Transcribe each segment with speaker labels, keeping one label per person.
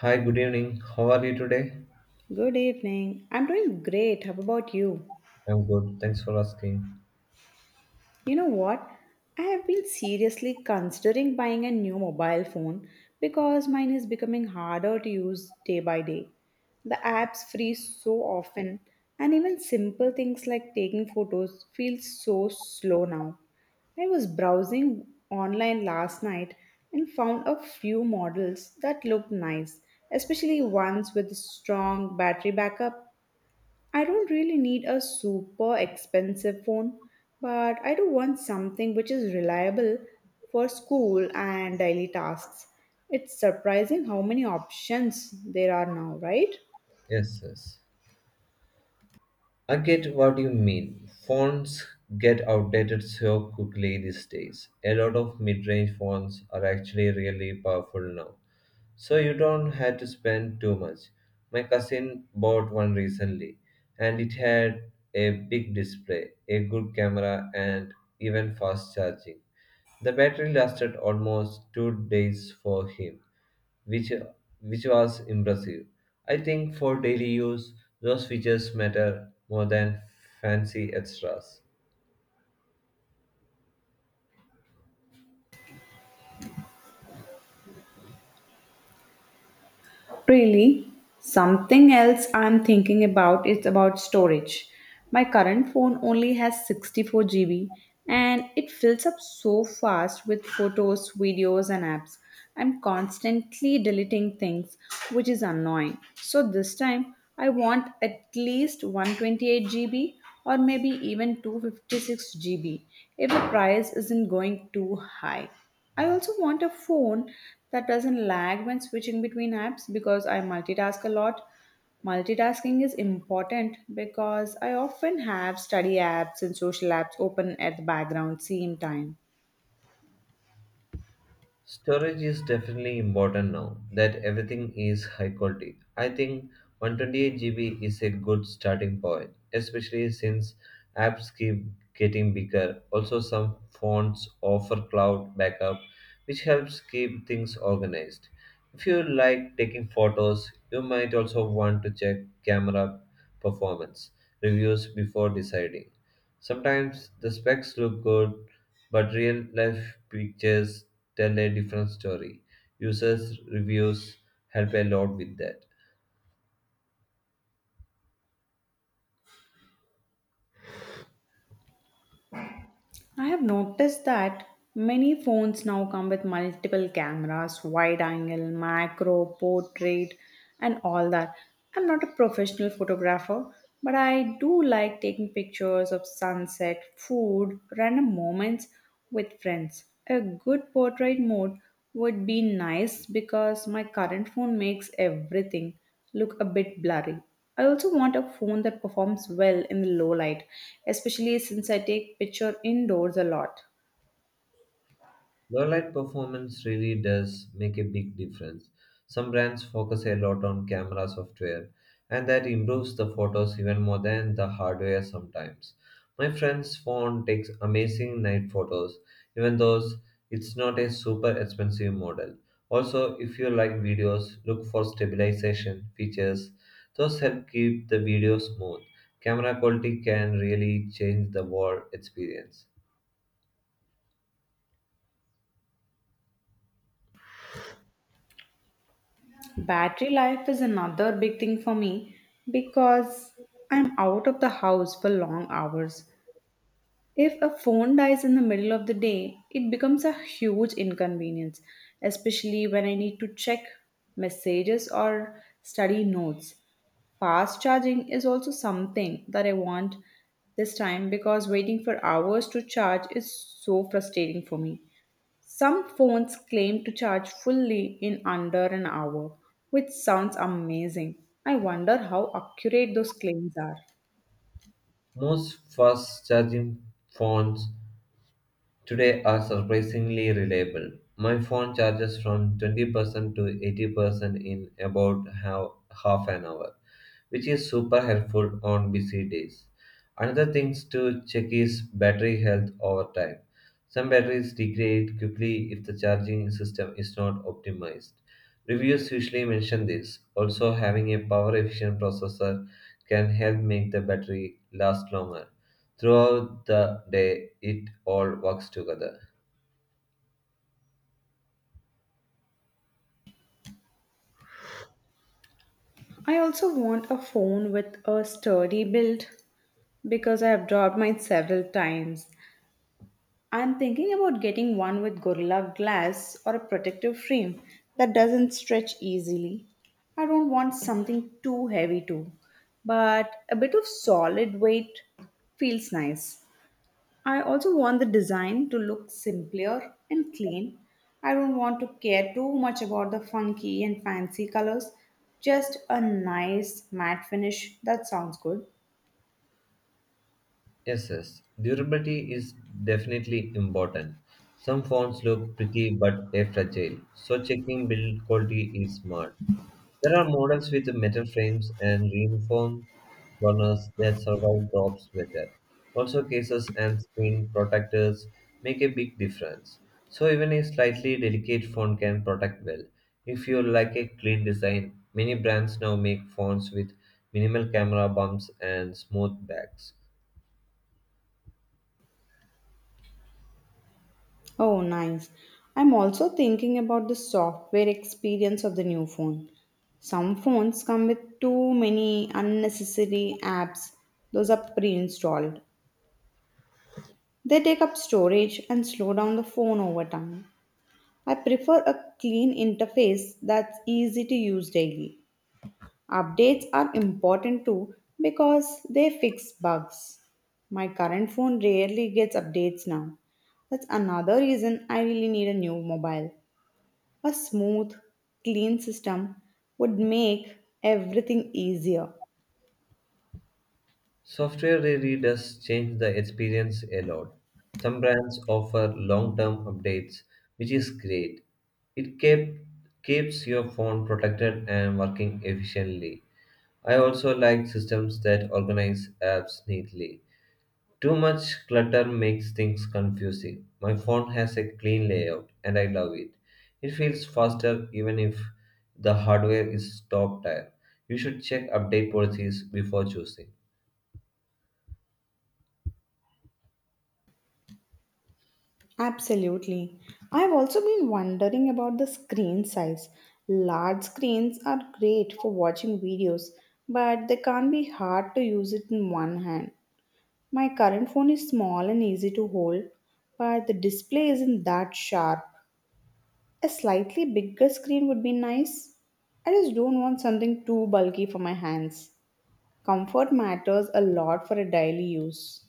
Speaker 1: Hi, good evening. How are you today?
Speaker 2: Good evening. I'm doing great. How about you?
Speaker 1: I'm good. Thanks for asking.
Speaker 2: You know what? I have been seriously considering buying a new mobile phone because mine is becoming harder to use day by day. The apps freeze so often, and even simple things like taking photos feel so slow now. I was browsing online last night and found a few models that looked nice, especially ones with strong battery backup. I don't really need a super expensive phone, but I do want something which is reliable for school and daily tasks. It's surprising how many options there are now, right?
Speaker 1: Yes, yes. I get what you mean. Phones get outdated so quickly these days. A lot of mid range phones are actually really powerful now. So you don't have to spend too much. My cousin bought one recently, and it had a big display, a good camera, and even fast charging. The battery lasted almost 2 days for him, which which was impressive. I think for daily use, those features matter more than fancy extras.
Speaker 2: Really, something else I'm thinking about is about storage. My current phone only has 64 GB, and it fills up so fast with photos, videos, and apps. I'm constantly deleting things, which is annoying. So this time, I want at least 128 GB or maybe even 256 GB if the price isn't going too high. I also want a phone that doesn't lag when switching between apps because I multitask a lot. Multitasking is important because I often have study apps and social apps open at the background same time.
Speaker 1: Storage is definitely important now that everything is high quality. I think 128 GB is a good starting point, especially since apps keep getting bigger. Also, some phones offer cloud backup, which helps keep things organized. If you like taking photos, you might also want to check camera performance reviews before deciding. Sometimes the specs look good, but real life pictures tell a different story. Users' reviews help a lot with that.
Speaker 2: I have noticed that many phones now come with multiple cameras, wide angle, macro, portrait, and all that. I'm not a professional photographer, but I do like taking pictures of sunset, food, random moments with friends. A good portrait mode would be nice because my current phone makes everything look a bit blurry. I also want a phone that performs well in the low light, especially since I take picture indoors a lot.
Speaker 1: Low-light performance really does make a big difference. Some brands focus a lot on camera software, and that improves the photos even more than the hardware sometimes. My friend's phone takes amazing night photos, even though it's not a super expensive model. Also, if you like videos, look for stabilization features. Those help keep the video smooth. Camera quality can really change the world experience.
Speaker 2: Battery life is another big thing for me because I'm out of the house for long hours. If a phone dies in the middle of the day, it becomes a huge inconvenience, especially when I need to check messages or study notes. Fast charging is also something that I want this time because waiting for hours to charge is so frustrating for me. Some phones claim to charge fully in under an hour, which sounds amazing. I wonder how accurate those claims are.
Speaker 1: Most fast charging phones today are surprisingly reliable. My phone charges from 20% to 80% in about half an hour, which is super helpful on busy days. Another things to check is battery health over time. Some batteries degrade quickly if the charging system is not optimized. Reviews usually mention this. Also, having a power efficient processor can help make the battery last longer. Throughout the day, it all works together.
Speaker 2: I also want a phone with a sturdy build because I have dropped mine several times. I'm thinking about getting one with Gorilla Glass or a protective frame that doesn't stretch easily. I don't want something too heavy too, but a bit of solid weight feels nice. I also want the design to look simpler and clean. I don't want to care too much about the funky and fancy colors, just a nice matte finish that sounds good.
Speaker 1: Yes, yes. Durability is definitely important. Some phones look pretty but they're fragile, so checking build quality is smart. There are models with metal frames and reinforced corners that survive drops better. Also, cases and screen protectors make a big difference. So, even a slightly delicate phone can protect well. If you like a clean design, many brands now make phones with minimal camera bumps and smooth backs.
Speaker 2: Oh, nice. I'm also thinking about the software experience of the new phone. Some phones come with too many unnecessary apps, those are pre installed. They take up storage and slow down the phone over time. I prefer a clean interface that's easy to use daily. Updates are important too because they fix bugs. My current phone rarely gets updates now. That's another reason I really need a new mobile. A smooth, clean system would make everything easier.
Speaker 1: Software really does change the experience a lot. Some brands offer long term updates, which is great. It keeps your phone protected and working efficiently. I also like systems that organize apps neatly. Too much clutter makes things confusing. My phone has a clean layout and I love it. It feels faster even if the hardware is top tier. You should check update policies before choosing.
Speaker 2: Absolutely. I've also been wondering about the screen size. Large screens are great for watching videos, but they can't be hard to use it in one hand. My current phone is small and easy to hold, but the display isn't that sharp. A slightly bigger screen would be nice. I just don't want something too bulky for my hands. Comfort matters a lot for a daily use.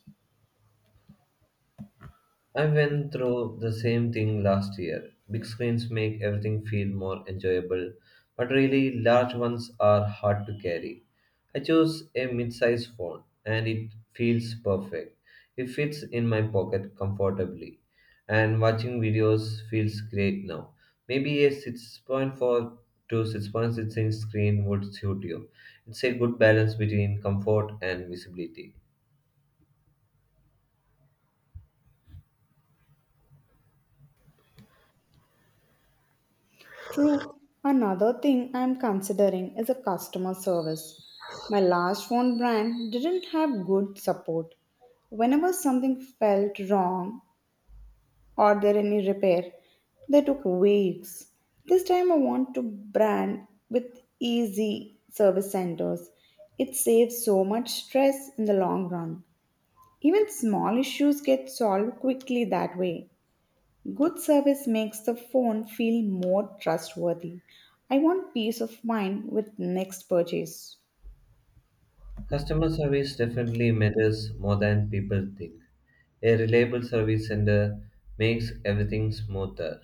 Speaker 1: I went through the same thing last year. Big screens make everything feel more enjoyable, but really large ones are hard to carry. I chose a mid-size phone and it feels perfect. It fits in my pocket comfortably and watching videos feels great now. Maybe a 6.4 to 6.6 inch screen would suit you. It's a good balance between comfort and visibility.
Speaker 2: True. Another thing I am considering is a customer service. My last phone brand didn't have good support. Whenever something felt wrong or there any repair, they took weeks. This time I want to brand with easy service centers. It saves so much stress in the long run. Even small issues get solved quickly that way. Good service makes the phone feel more trustworthy. I want peace of mind with next purchase.
Speaker 1: Customer service definitely matters more than people think. A reliable service center makes everything smoother.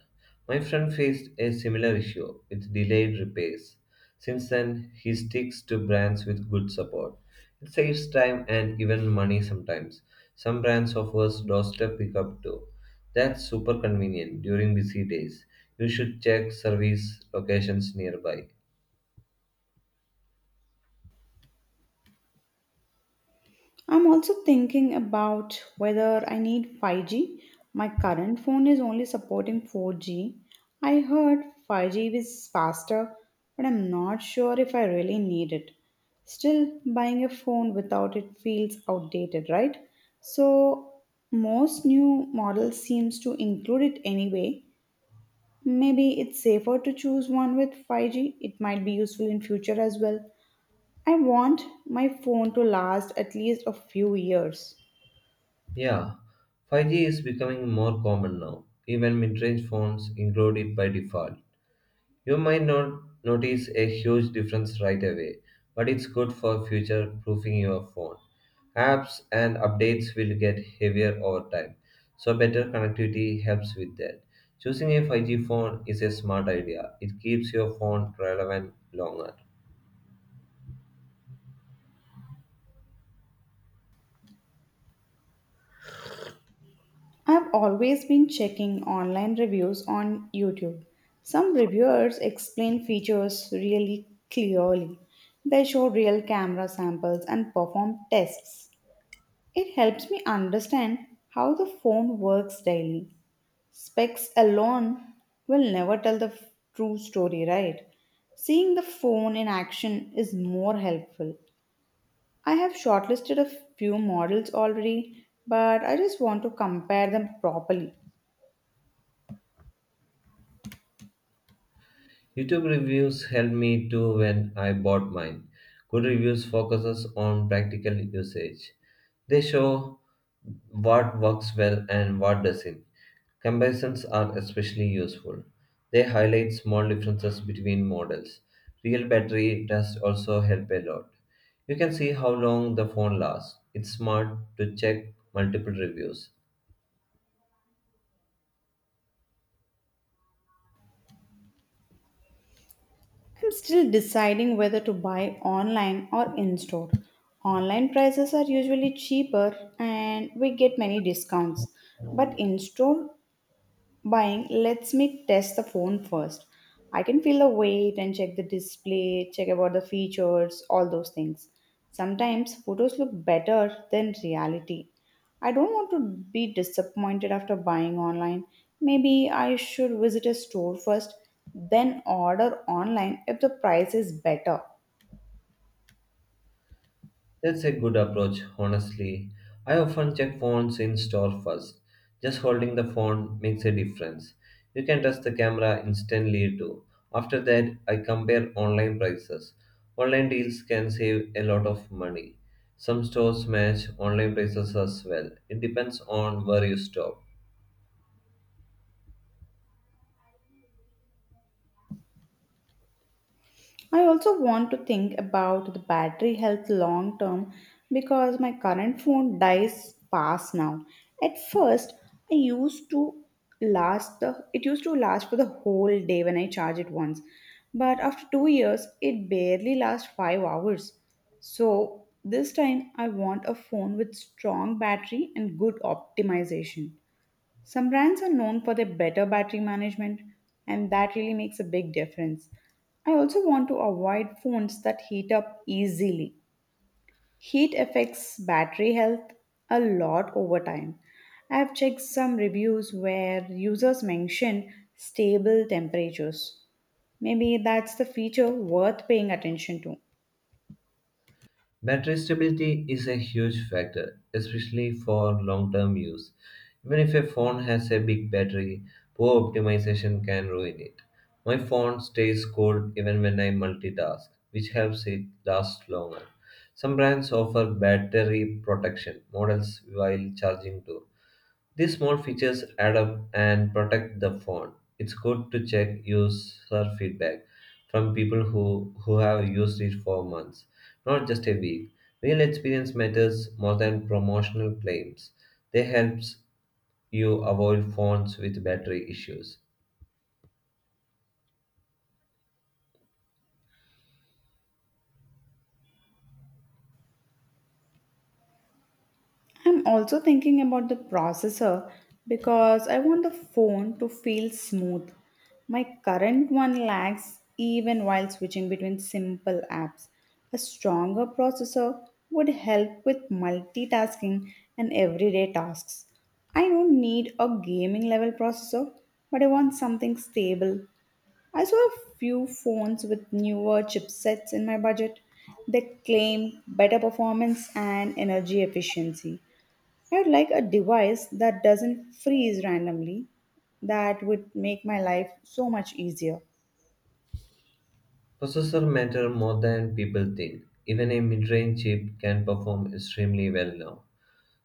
Speaker 1: My friend faced a similar issue with delayed repairs. Since then, he sticks to brands with good support. It saves time and even money sometimes. Some brands offers doorstep pickup too. That's super convenient during busy days. You should check service locations nearby.
Speaker 2: I'm also thinking about whether I need 5G. My current phone is only supporting 4G. I heard 5G is faster, but I'm not sure if I really need it. Still, buying a phone without it feels outdated, right? So, most new models seems to include it anyway. Maybe it's safer to choose one with 5G. It might be useful in future as well. I want my phone to last at least a few years.
Speaker 1: Yeah, 5G is becoming more common now. Even mid-range phones include it by default. You might not notice a huge difference right away, but it's good for future-proofing your phone. Apps and updates will get heavier over time, so better connectivity helps with that. Choosing a 5G phone is a smart idea. It keeps your phone relevant longer.
Speaker 2: I've always been checking online reviews on YouTube. Some reviewers explain features really clearly. They show real camera samples and perform tests. It helps me understand how the phone works daily. Specs alone will never tell the true story, right? Seeing the phone in action is more helpful. I have shortlisted a few models already, but I just want to compare them properly.
Speaker 1: YouTube reviews helped me too when I bought mine. Good reviews focuses on practical usage. They show what works well and what doesn't. Comparisons are especially useful. They highlight small differences between models. Real battery tests also help a lot. You can see how long the phone lasts. It's smart to check multiple reviews.
Speaker 2: I'm still deciding whether to buy online or in store. Online prices are usually cheaper and we get many discounts, but in store buying lets me test the phone first. I can feel the weight and check the display, check about the features, all those things. Sometimes photos look better than reality. I don't want to be disappointed after buying online. Maybe I should visit a store first, then order online if the price is better.
Speaker 1: That's a good approach, honestly. I often check phones in store first. Just holding the phone makes a difference. You can test the camera instantly too. After that, I compare online prices. Online deals can save a lot of money. Some stores match online prices as well. It depends on where you stop.
Speaker 2: I also want to think about the battery health long term because my current phone dies fast now. At first, I used to last the it used to last for the whole day when I charge it once. But after 2 years, it barely lasts 5 hours. So, this time I want a phone with strong battery and good optimization. Some brands are known for their better battery management, and that really makes a big difference. I also want to avoid phones that heat up easily. Heat affects battery health a lot over time. I have checked some reviews where users mention stable temperatures. Maybe that's the feature worth paying attention to.
Speaker 1: Battery stability is a huge factor, especially for long term use. Even if a phone has a big battery, poor optimization can ruin it. My phone stays cool even when I multitask, which helps it last longer. Some brands offer battery protection models while charging too, these small features add up and protect the phone. It's good to check user feedback from people who have used it for months, not just a week. Real experience matters more than promotional claims. They helps you avoid phones with battery issues.
Speaker 2: I'm also thinking about the processor because I want the phone to feel smooth. My current one lags even while switching between simple apps. A stronger processor would help with multitasking and everyday tasks. I don't need a gaming level processor, but I want something stable. I saw a few phones with newer chipsets in my budget. They claim better performance and energy efficiency. I'd like a device that doesn't freeze randomly. That would make my life so much easier.
Speaker 1: Processor matter more than people think. Even a mid-range chip can perform extremely well now.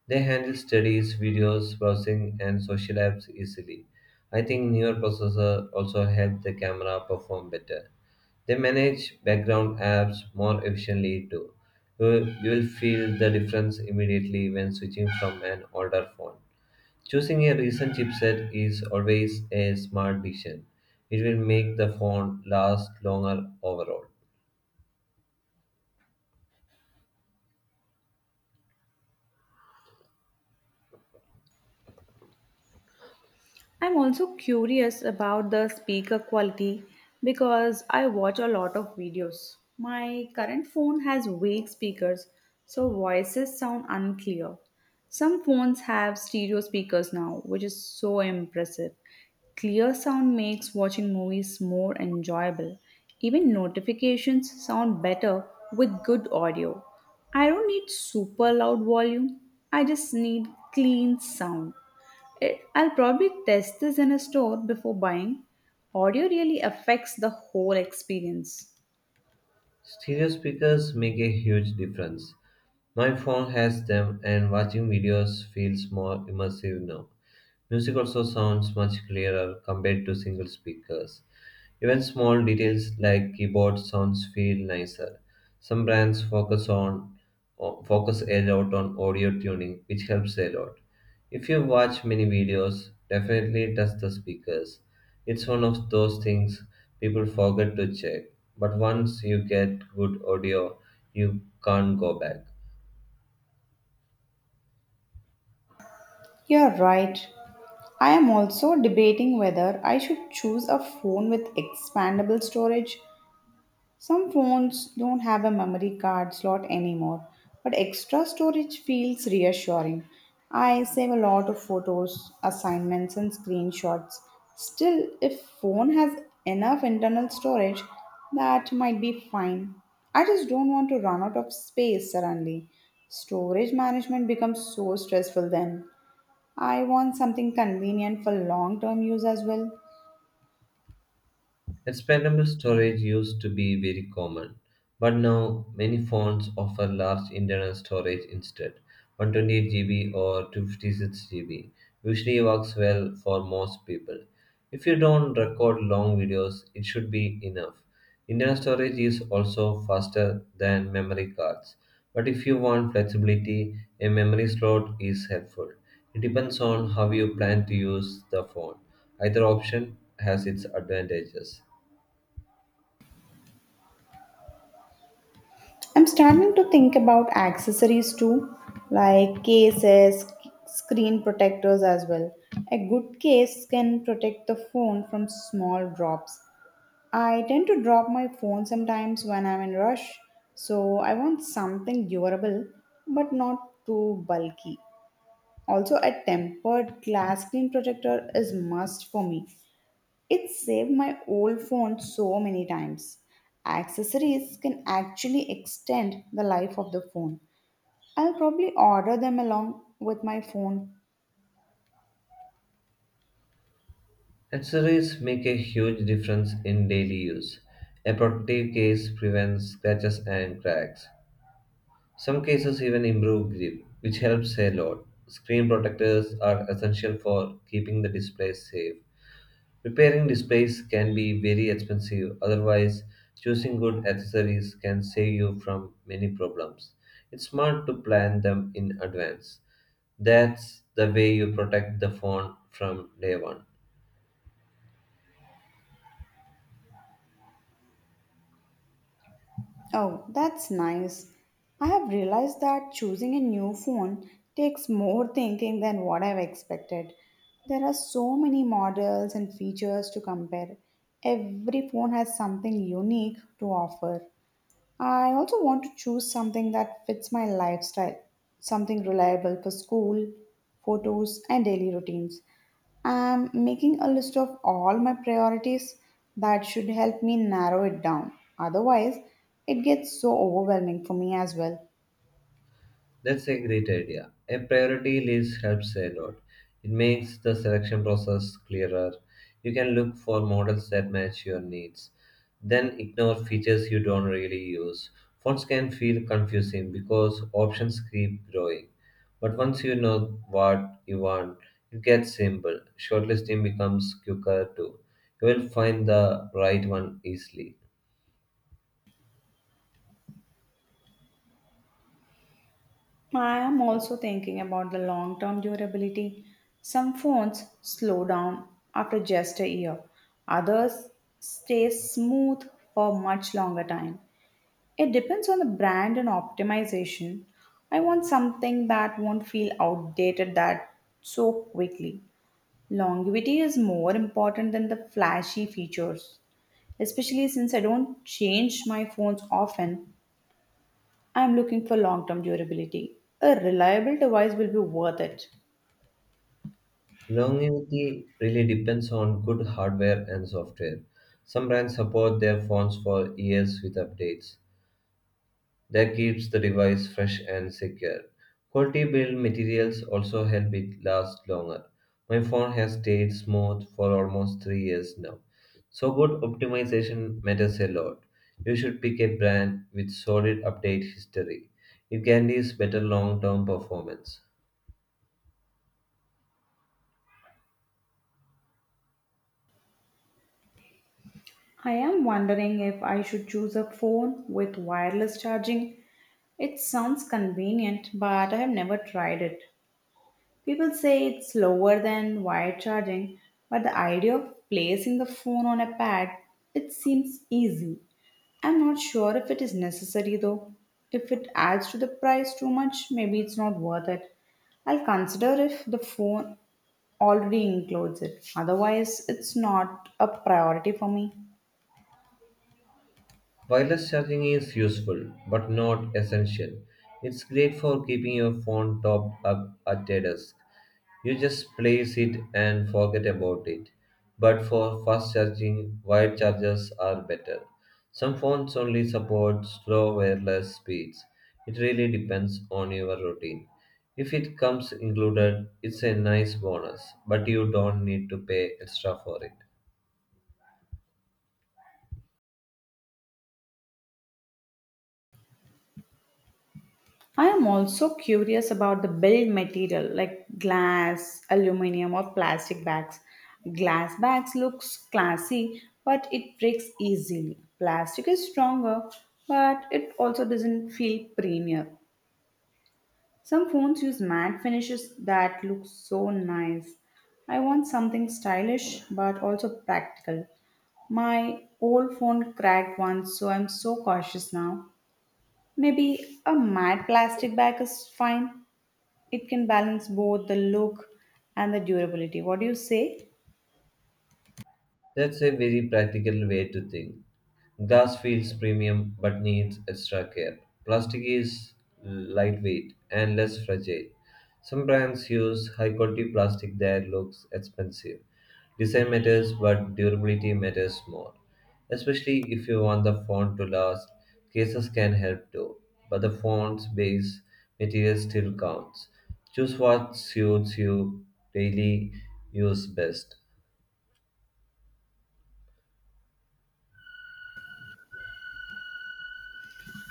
Speaker 1: They handle studies, videos, browsing, and social apps easily. I think newer processors also help the camera perform better. They manage background apps more efficiently too. You will feel the difference immediately when switching from an older phone. Choosing a recent chipset is always a smart decision. It will make the phone last longer overall.
Speaker 2: I'm also curious about the speaker quality because I watch a lot of videos. My current phone has weak speakers, so voices sound unclear. Some phones have stereo speakers now, which is so impressive. Clear sound makes watching movies more enjoyable. Even notifications sound better with good audio. I don't need super loud volume, I just need clean sound. I'll probably test this in a store before buying. Audio really affects the whole experience.
Speaker 1: Stereo speakers make a huge difference. My phone has them, and watching videos feels more immersive now. Music also sounds much clearer compared to single speakers. Even small details like keyboard sounds feel nicer. Some brands focus a lot on audio tuning, which helps a lot. If you watch many videos, definitely test the speakers. It's one of those things people forget to check, but once you get good audio, you can't go back.
Speaker 2: You're right. I am also debating whether I should choose a phone with expandable storage. Some phones don't have a memory card slot anymore, but extra storage feels reassuring. I save a lot of photos, assignments, and screenshots. Still, if phone has enough internal storage, that might be fine. I just don't want to run out of space suddenly. Storage management becomes so stressful then. I want something convenient for long-term use as well.
Speaker 1: Expandable storage used to be very common, but now many phones offer large internal storage instead 128 GB or 256 GB. Usually works well for most people. If you don't record long videos, it should be enough. Internal storage is also faster than memory cards, but if you want flexibility, a memory slot is helpful. It depends on how you plan to use the phone. Either option has its advantages.
Speaker 2: I'm starting to think about accessories too, like cases, screen protectors as well. A good case can protect the phone from small drops. I tend to drop my phone sometimes when I'm in rush, so I want something durable but not too bulky. Also, a tempered glass screen protector is must for me. It saved my old phone so many times. Accessories can actually extend the life of the phone. I'll probably order them along with my phone.
Speaker 1: Accessories make a huge difference in daily use. A protective case prevents scratches and cracks. Some cases even improve grip, which helps a lot. Screen protectors are essential for keeping the display safe. Repairing displays can be very expensive, otherwise, choosing good accessories can save you from many problems. It's smart to plan them in advance. That's the way you protect the phone from day one.
Speaker 2: Oh, that's nice. I have realized that choosing a new phone takes more thinking than what I've expected. There are so many models and features to compare. Every phone has something unique to offer. I also want to choose something that fits my lifestyle, something reliable for school, photos, and daily routines. I'm making a list of all my priorities that should help me narrow it down. Otherwise, it gets so overwhelming for me as well.
Speaker 1: That's a great idea. A priority list helps a lot. It makes the selection process clearer. You can look for models that match your needs. Then ignore features you don't really use. Fonts can feel confusing because options keep growing. But once you know what you want, it gets simple. Shortlisting becomes quicker too. You will find the right one easily.
Speaker 2: I am also thinking about the long term durability. Some phones slow down after just a year, others stay smooth for much longer time. It depends on the brand and optimization. I want something that won't feel outdated that so quickly. Longevity is more important than the flashy features, especially since I don't change my phones often. I'm looking for long term durability. A reliable device will be worth it.
Speaker 1: Longevity really depends on good hardware and software. Some brands support their phones for years with updates. That keeps the device fresh and secure. Quality build materials also help it last longer. My phone has stayed smooth for almost 3 years now. So good optimization matters a lot. You should pick a brand with solid update history. It guarantees better long-term performance.
Speaker 2: I am wondering if I should choose a phone with wireless charging. It sounds convenient, but I have never tried it. People say it's slower than wired charging, but the idea of placing the phone on a pad, it seems easy. I'm not sure if it is necessary though. If it adds to the price too much, maybe it's not worth it. I'll consider if the phone already includes it. Otherwise, it's not a priority for me.
Speaker 1: Wireless charging is useful but not essential. It's great for keeping your phone topped up at a desk. You just place it and forget about it. But for fast charging, wired chargers are better. Some phones only support slow wireless speeds. It really depends on your routine. If it comes included, it's a nice bonus, but you don't need to pay extra for it.
Speaker 2: I am also curious about the build material like glass, aluminium or plastic bags. Glass bags looks classy but it breaks easily. Plastic is stronger but it also doesn't feel premier. Some phones use matte finishes that look so nice. I want something stylish but also practical. My old phone cracked once, so I'm so cautious now. Maybe a matte plastic bag is fine. It can balance both the look and the durability. What do you say?
Speaker 1: That's a very practical way to think. Glass feels premium but needs extra care. Plastic is lightweight and less fragile. Some brands use high quality plastic that looks expensive. Design matters, but durability matters more. Especially if you want the font to last, cases can help too. But the font's base material still counts. Choose what suits you daily use best.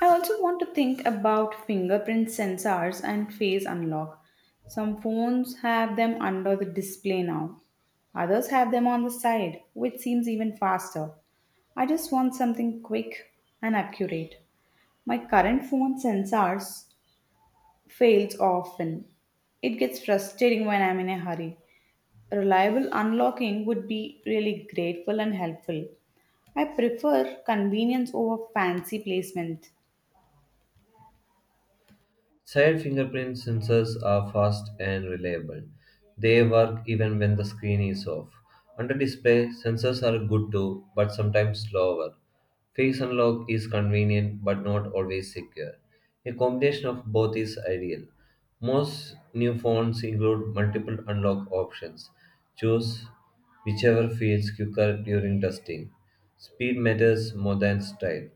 Speaker 2: I also want to think about fingerprint sensors and face unlock. Some phones have them under the display now, others have them on the side, which seems even faster. I just want something quick and accurate. My current phone sensors fails often. It gets frustrating when I'm in a hurry. Reliable unlocking would be really grateful and helpful. I prefer convenience over fancy placement.
Speaker 1: Side fingerprint sensors are fast and reliable. They work even when the screen is off. Under display, sensors are good too, but sometimes slower. Face unlock is convenient but not always secure. A combination of both is ideal. Most new phones include multiple unlock options. Choose whichever feels quicker during testing. Speed matters more than style.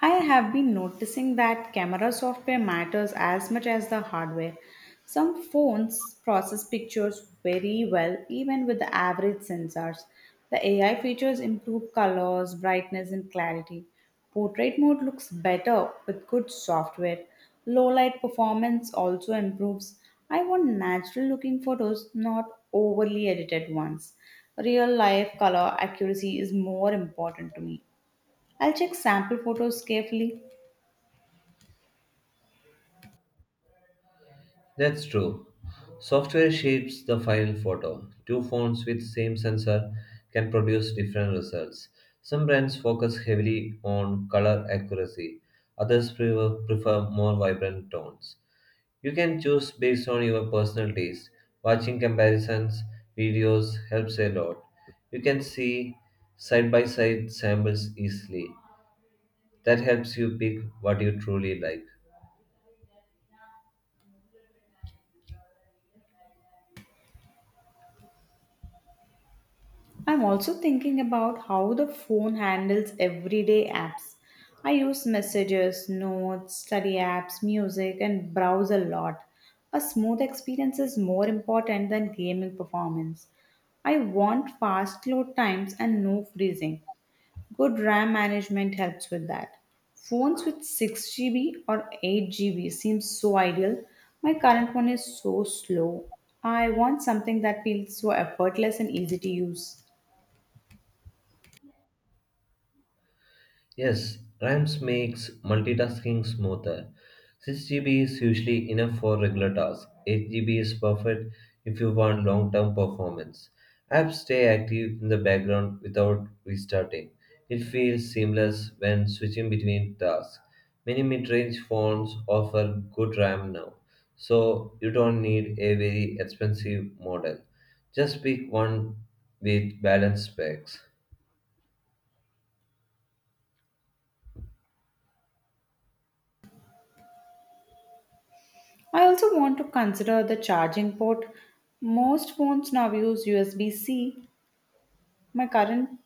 Speaker 2: I have been noticing that camera software matters as much as the hardware. Some phones process pictures very well, even with the average sensors. The AI features improve colors, brightness, and clarity. Portrait mode looks better with good software. Low light performance also improves. I want natural looking photos, not overly edited ones. Real life color accuracy is more important to me. I'll check sample photos carefully.
Speaker 1: That's true. Software shapes the final photo. Two phones with same sensor can produce different results. Some brands focus heavily on color accuracy, others prefer more vibrant tones. You can choose based on your personal taste. Watching comparisons videos helps a lot. You can see side by side samples easily. That helps you pick what you truly like.
Speaker 2: I'm also thinking about how the phone handles everyday apps. I use messages, notes, study apps, music, and browse a lot. A smooth experience is more important than gaming performance. I want fast load times and no freezing. Good RAM management helps with that. Phones with 6 GB or 8 GB seems so ideal. My current one is so slow. I want something that feels so effortless and easy to use.
Speaker 1: Yes, RAMs makes multitasking smoother. 6 GB is usually enough for regular tasks. 8 GB is perfect if you want long-term performance. Apps stay active in the background without restarting. It feels seamless when switching between tasks. Many mid-range phones offer good RAM now, so you don't need a very expensive model. Just pick one with balanced specs.
Speaker 2: I also want to consider the charging port. Most phones now use USB C. My current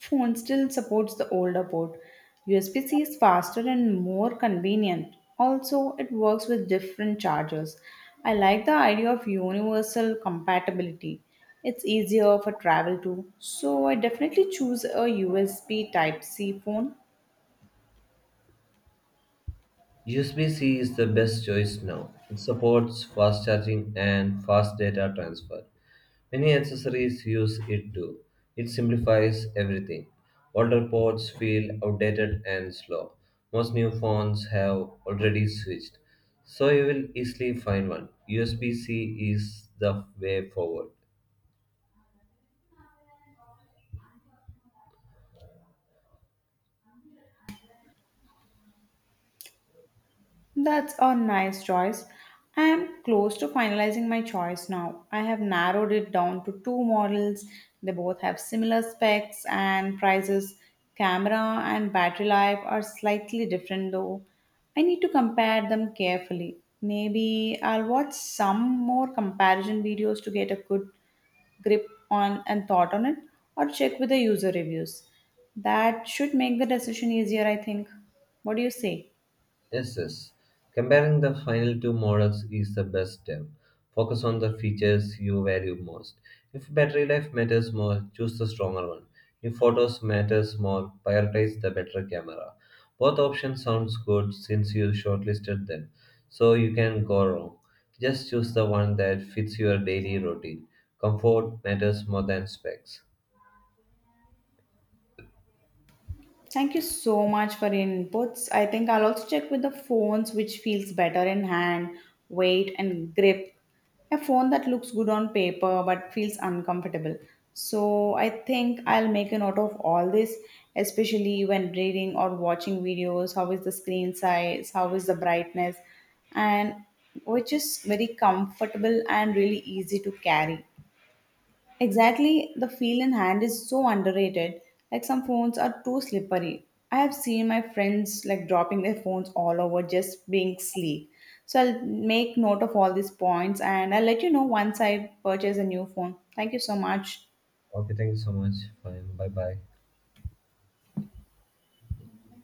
Speaker 2: phone still supports the older port. USB-C is faster and more convenient. Also, it works with different chargers. I like the idea of universal compatibility. It's easier for travel too. So I definitely choose a USB Type C phone.
Speaker 1: USB-C is the best choice now. It supports fast charging and fast data transfer. Many accessories use it too. It simplifies everything. Older ports feel outdated and slow. Most new phones have already switched, so you will easily find one. USB-C is the way forward.
Speaker 2: That's a nice choice. I am close to finalizing my choice now. I have narrowed it down to two models. They both have similar specs and prices. Camera and battery life are slightly different though. I need to compare them carefully. Maybe I'll watch some more comparison videos to get a good grip on and thought on it, or check with the user reviews. That should make the decision easier, I think. What do you say?
Speaker 1: Yes, yes. Comparing the final two models is the best step. Focus on the features you value most. If battery life matters more, choose the stronger one. If photos matters more, prioritize the better camera. Both options sounds good since you shortlisted them, so you can go wrong. Just choose the one that fits your daily routine. Comfort matters more than specs.
Speaker 2: Thank you so much for your inputs. I think I'll also check with the phones which feels better in hand, weight, and grip. A phone that looks good on paper but feels uncomfortable. So I think I'll make a note of all this, especially when reading or watching videos. How is the screen size? How is the brightness? And which is very comfortable and really easy to carry. Exactly, the feel in hand is so underrated. Like some phones are too slippery. I have seen my friends like dropping their phones all over just being sleek. So I'll make note of all these points and I'll let you know once I purchase a new phone. Thank you so much.
Speaker 1: Okay, thank you so much. Fine. Bye bye.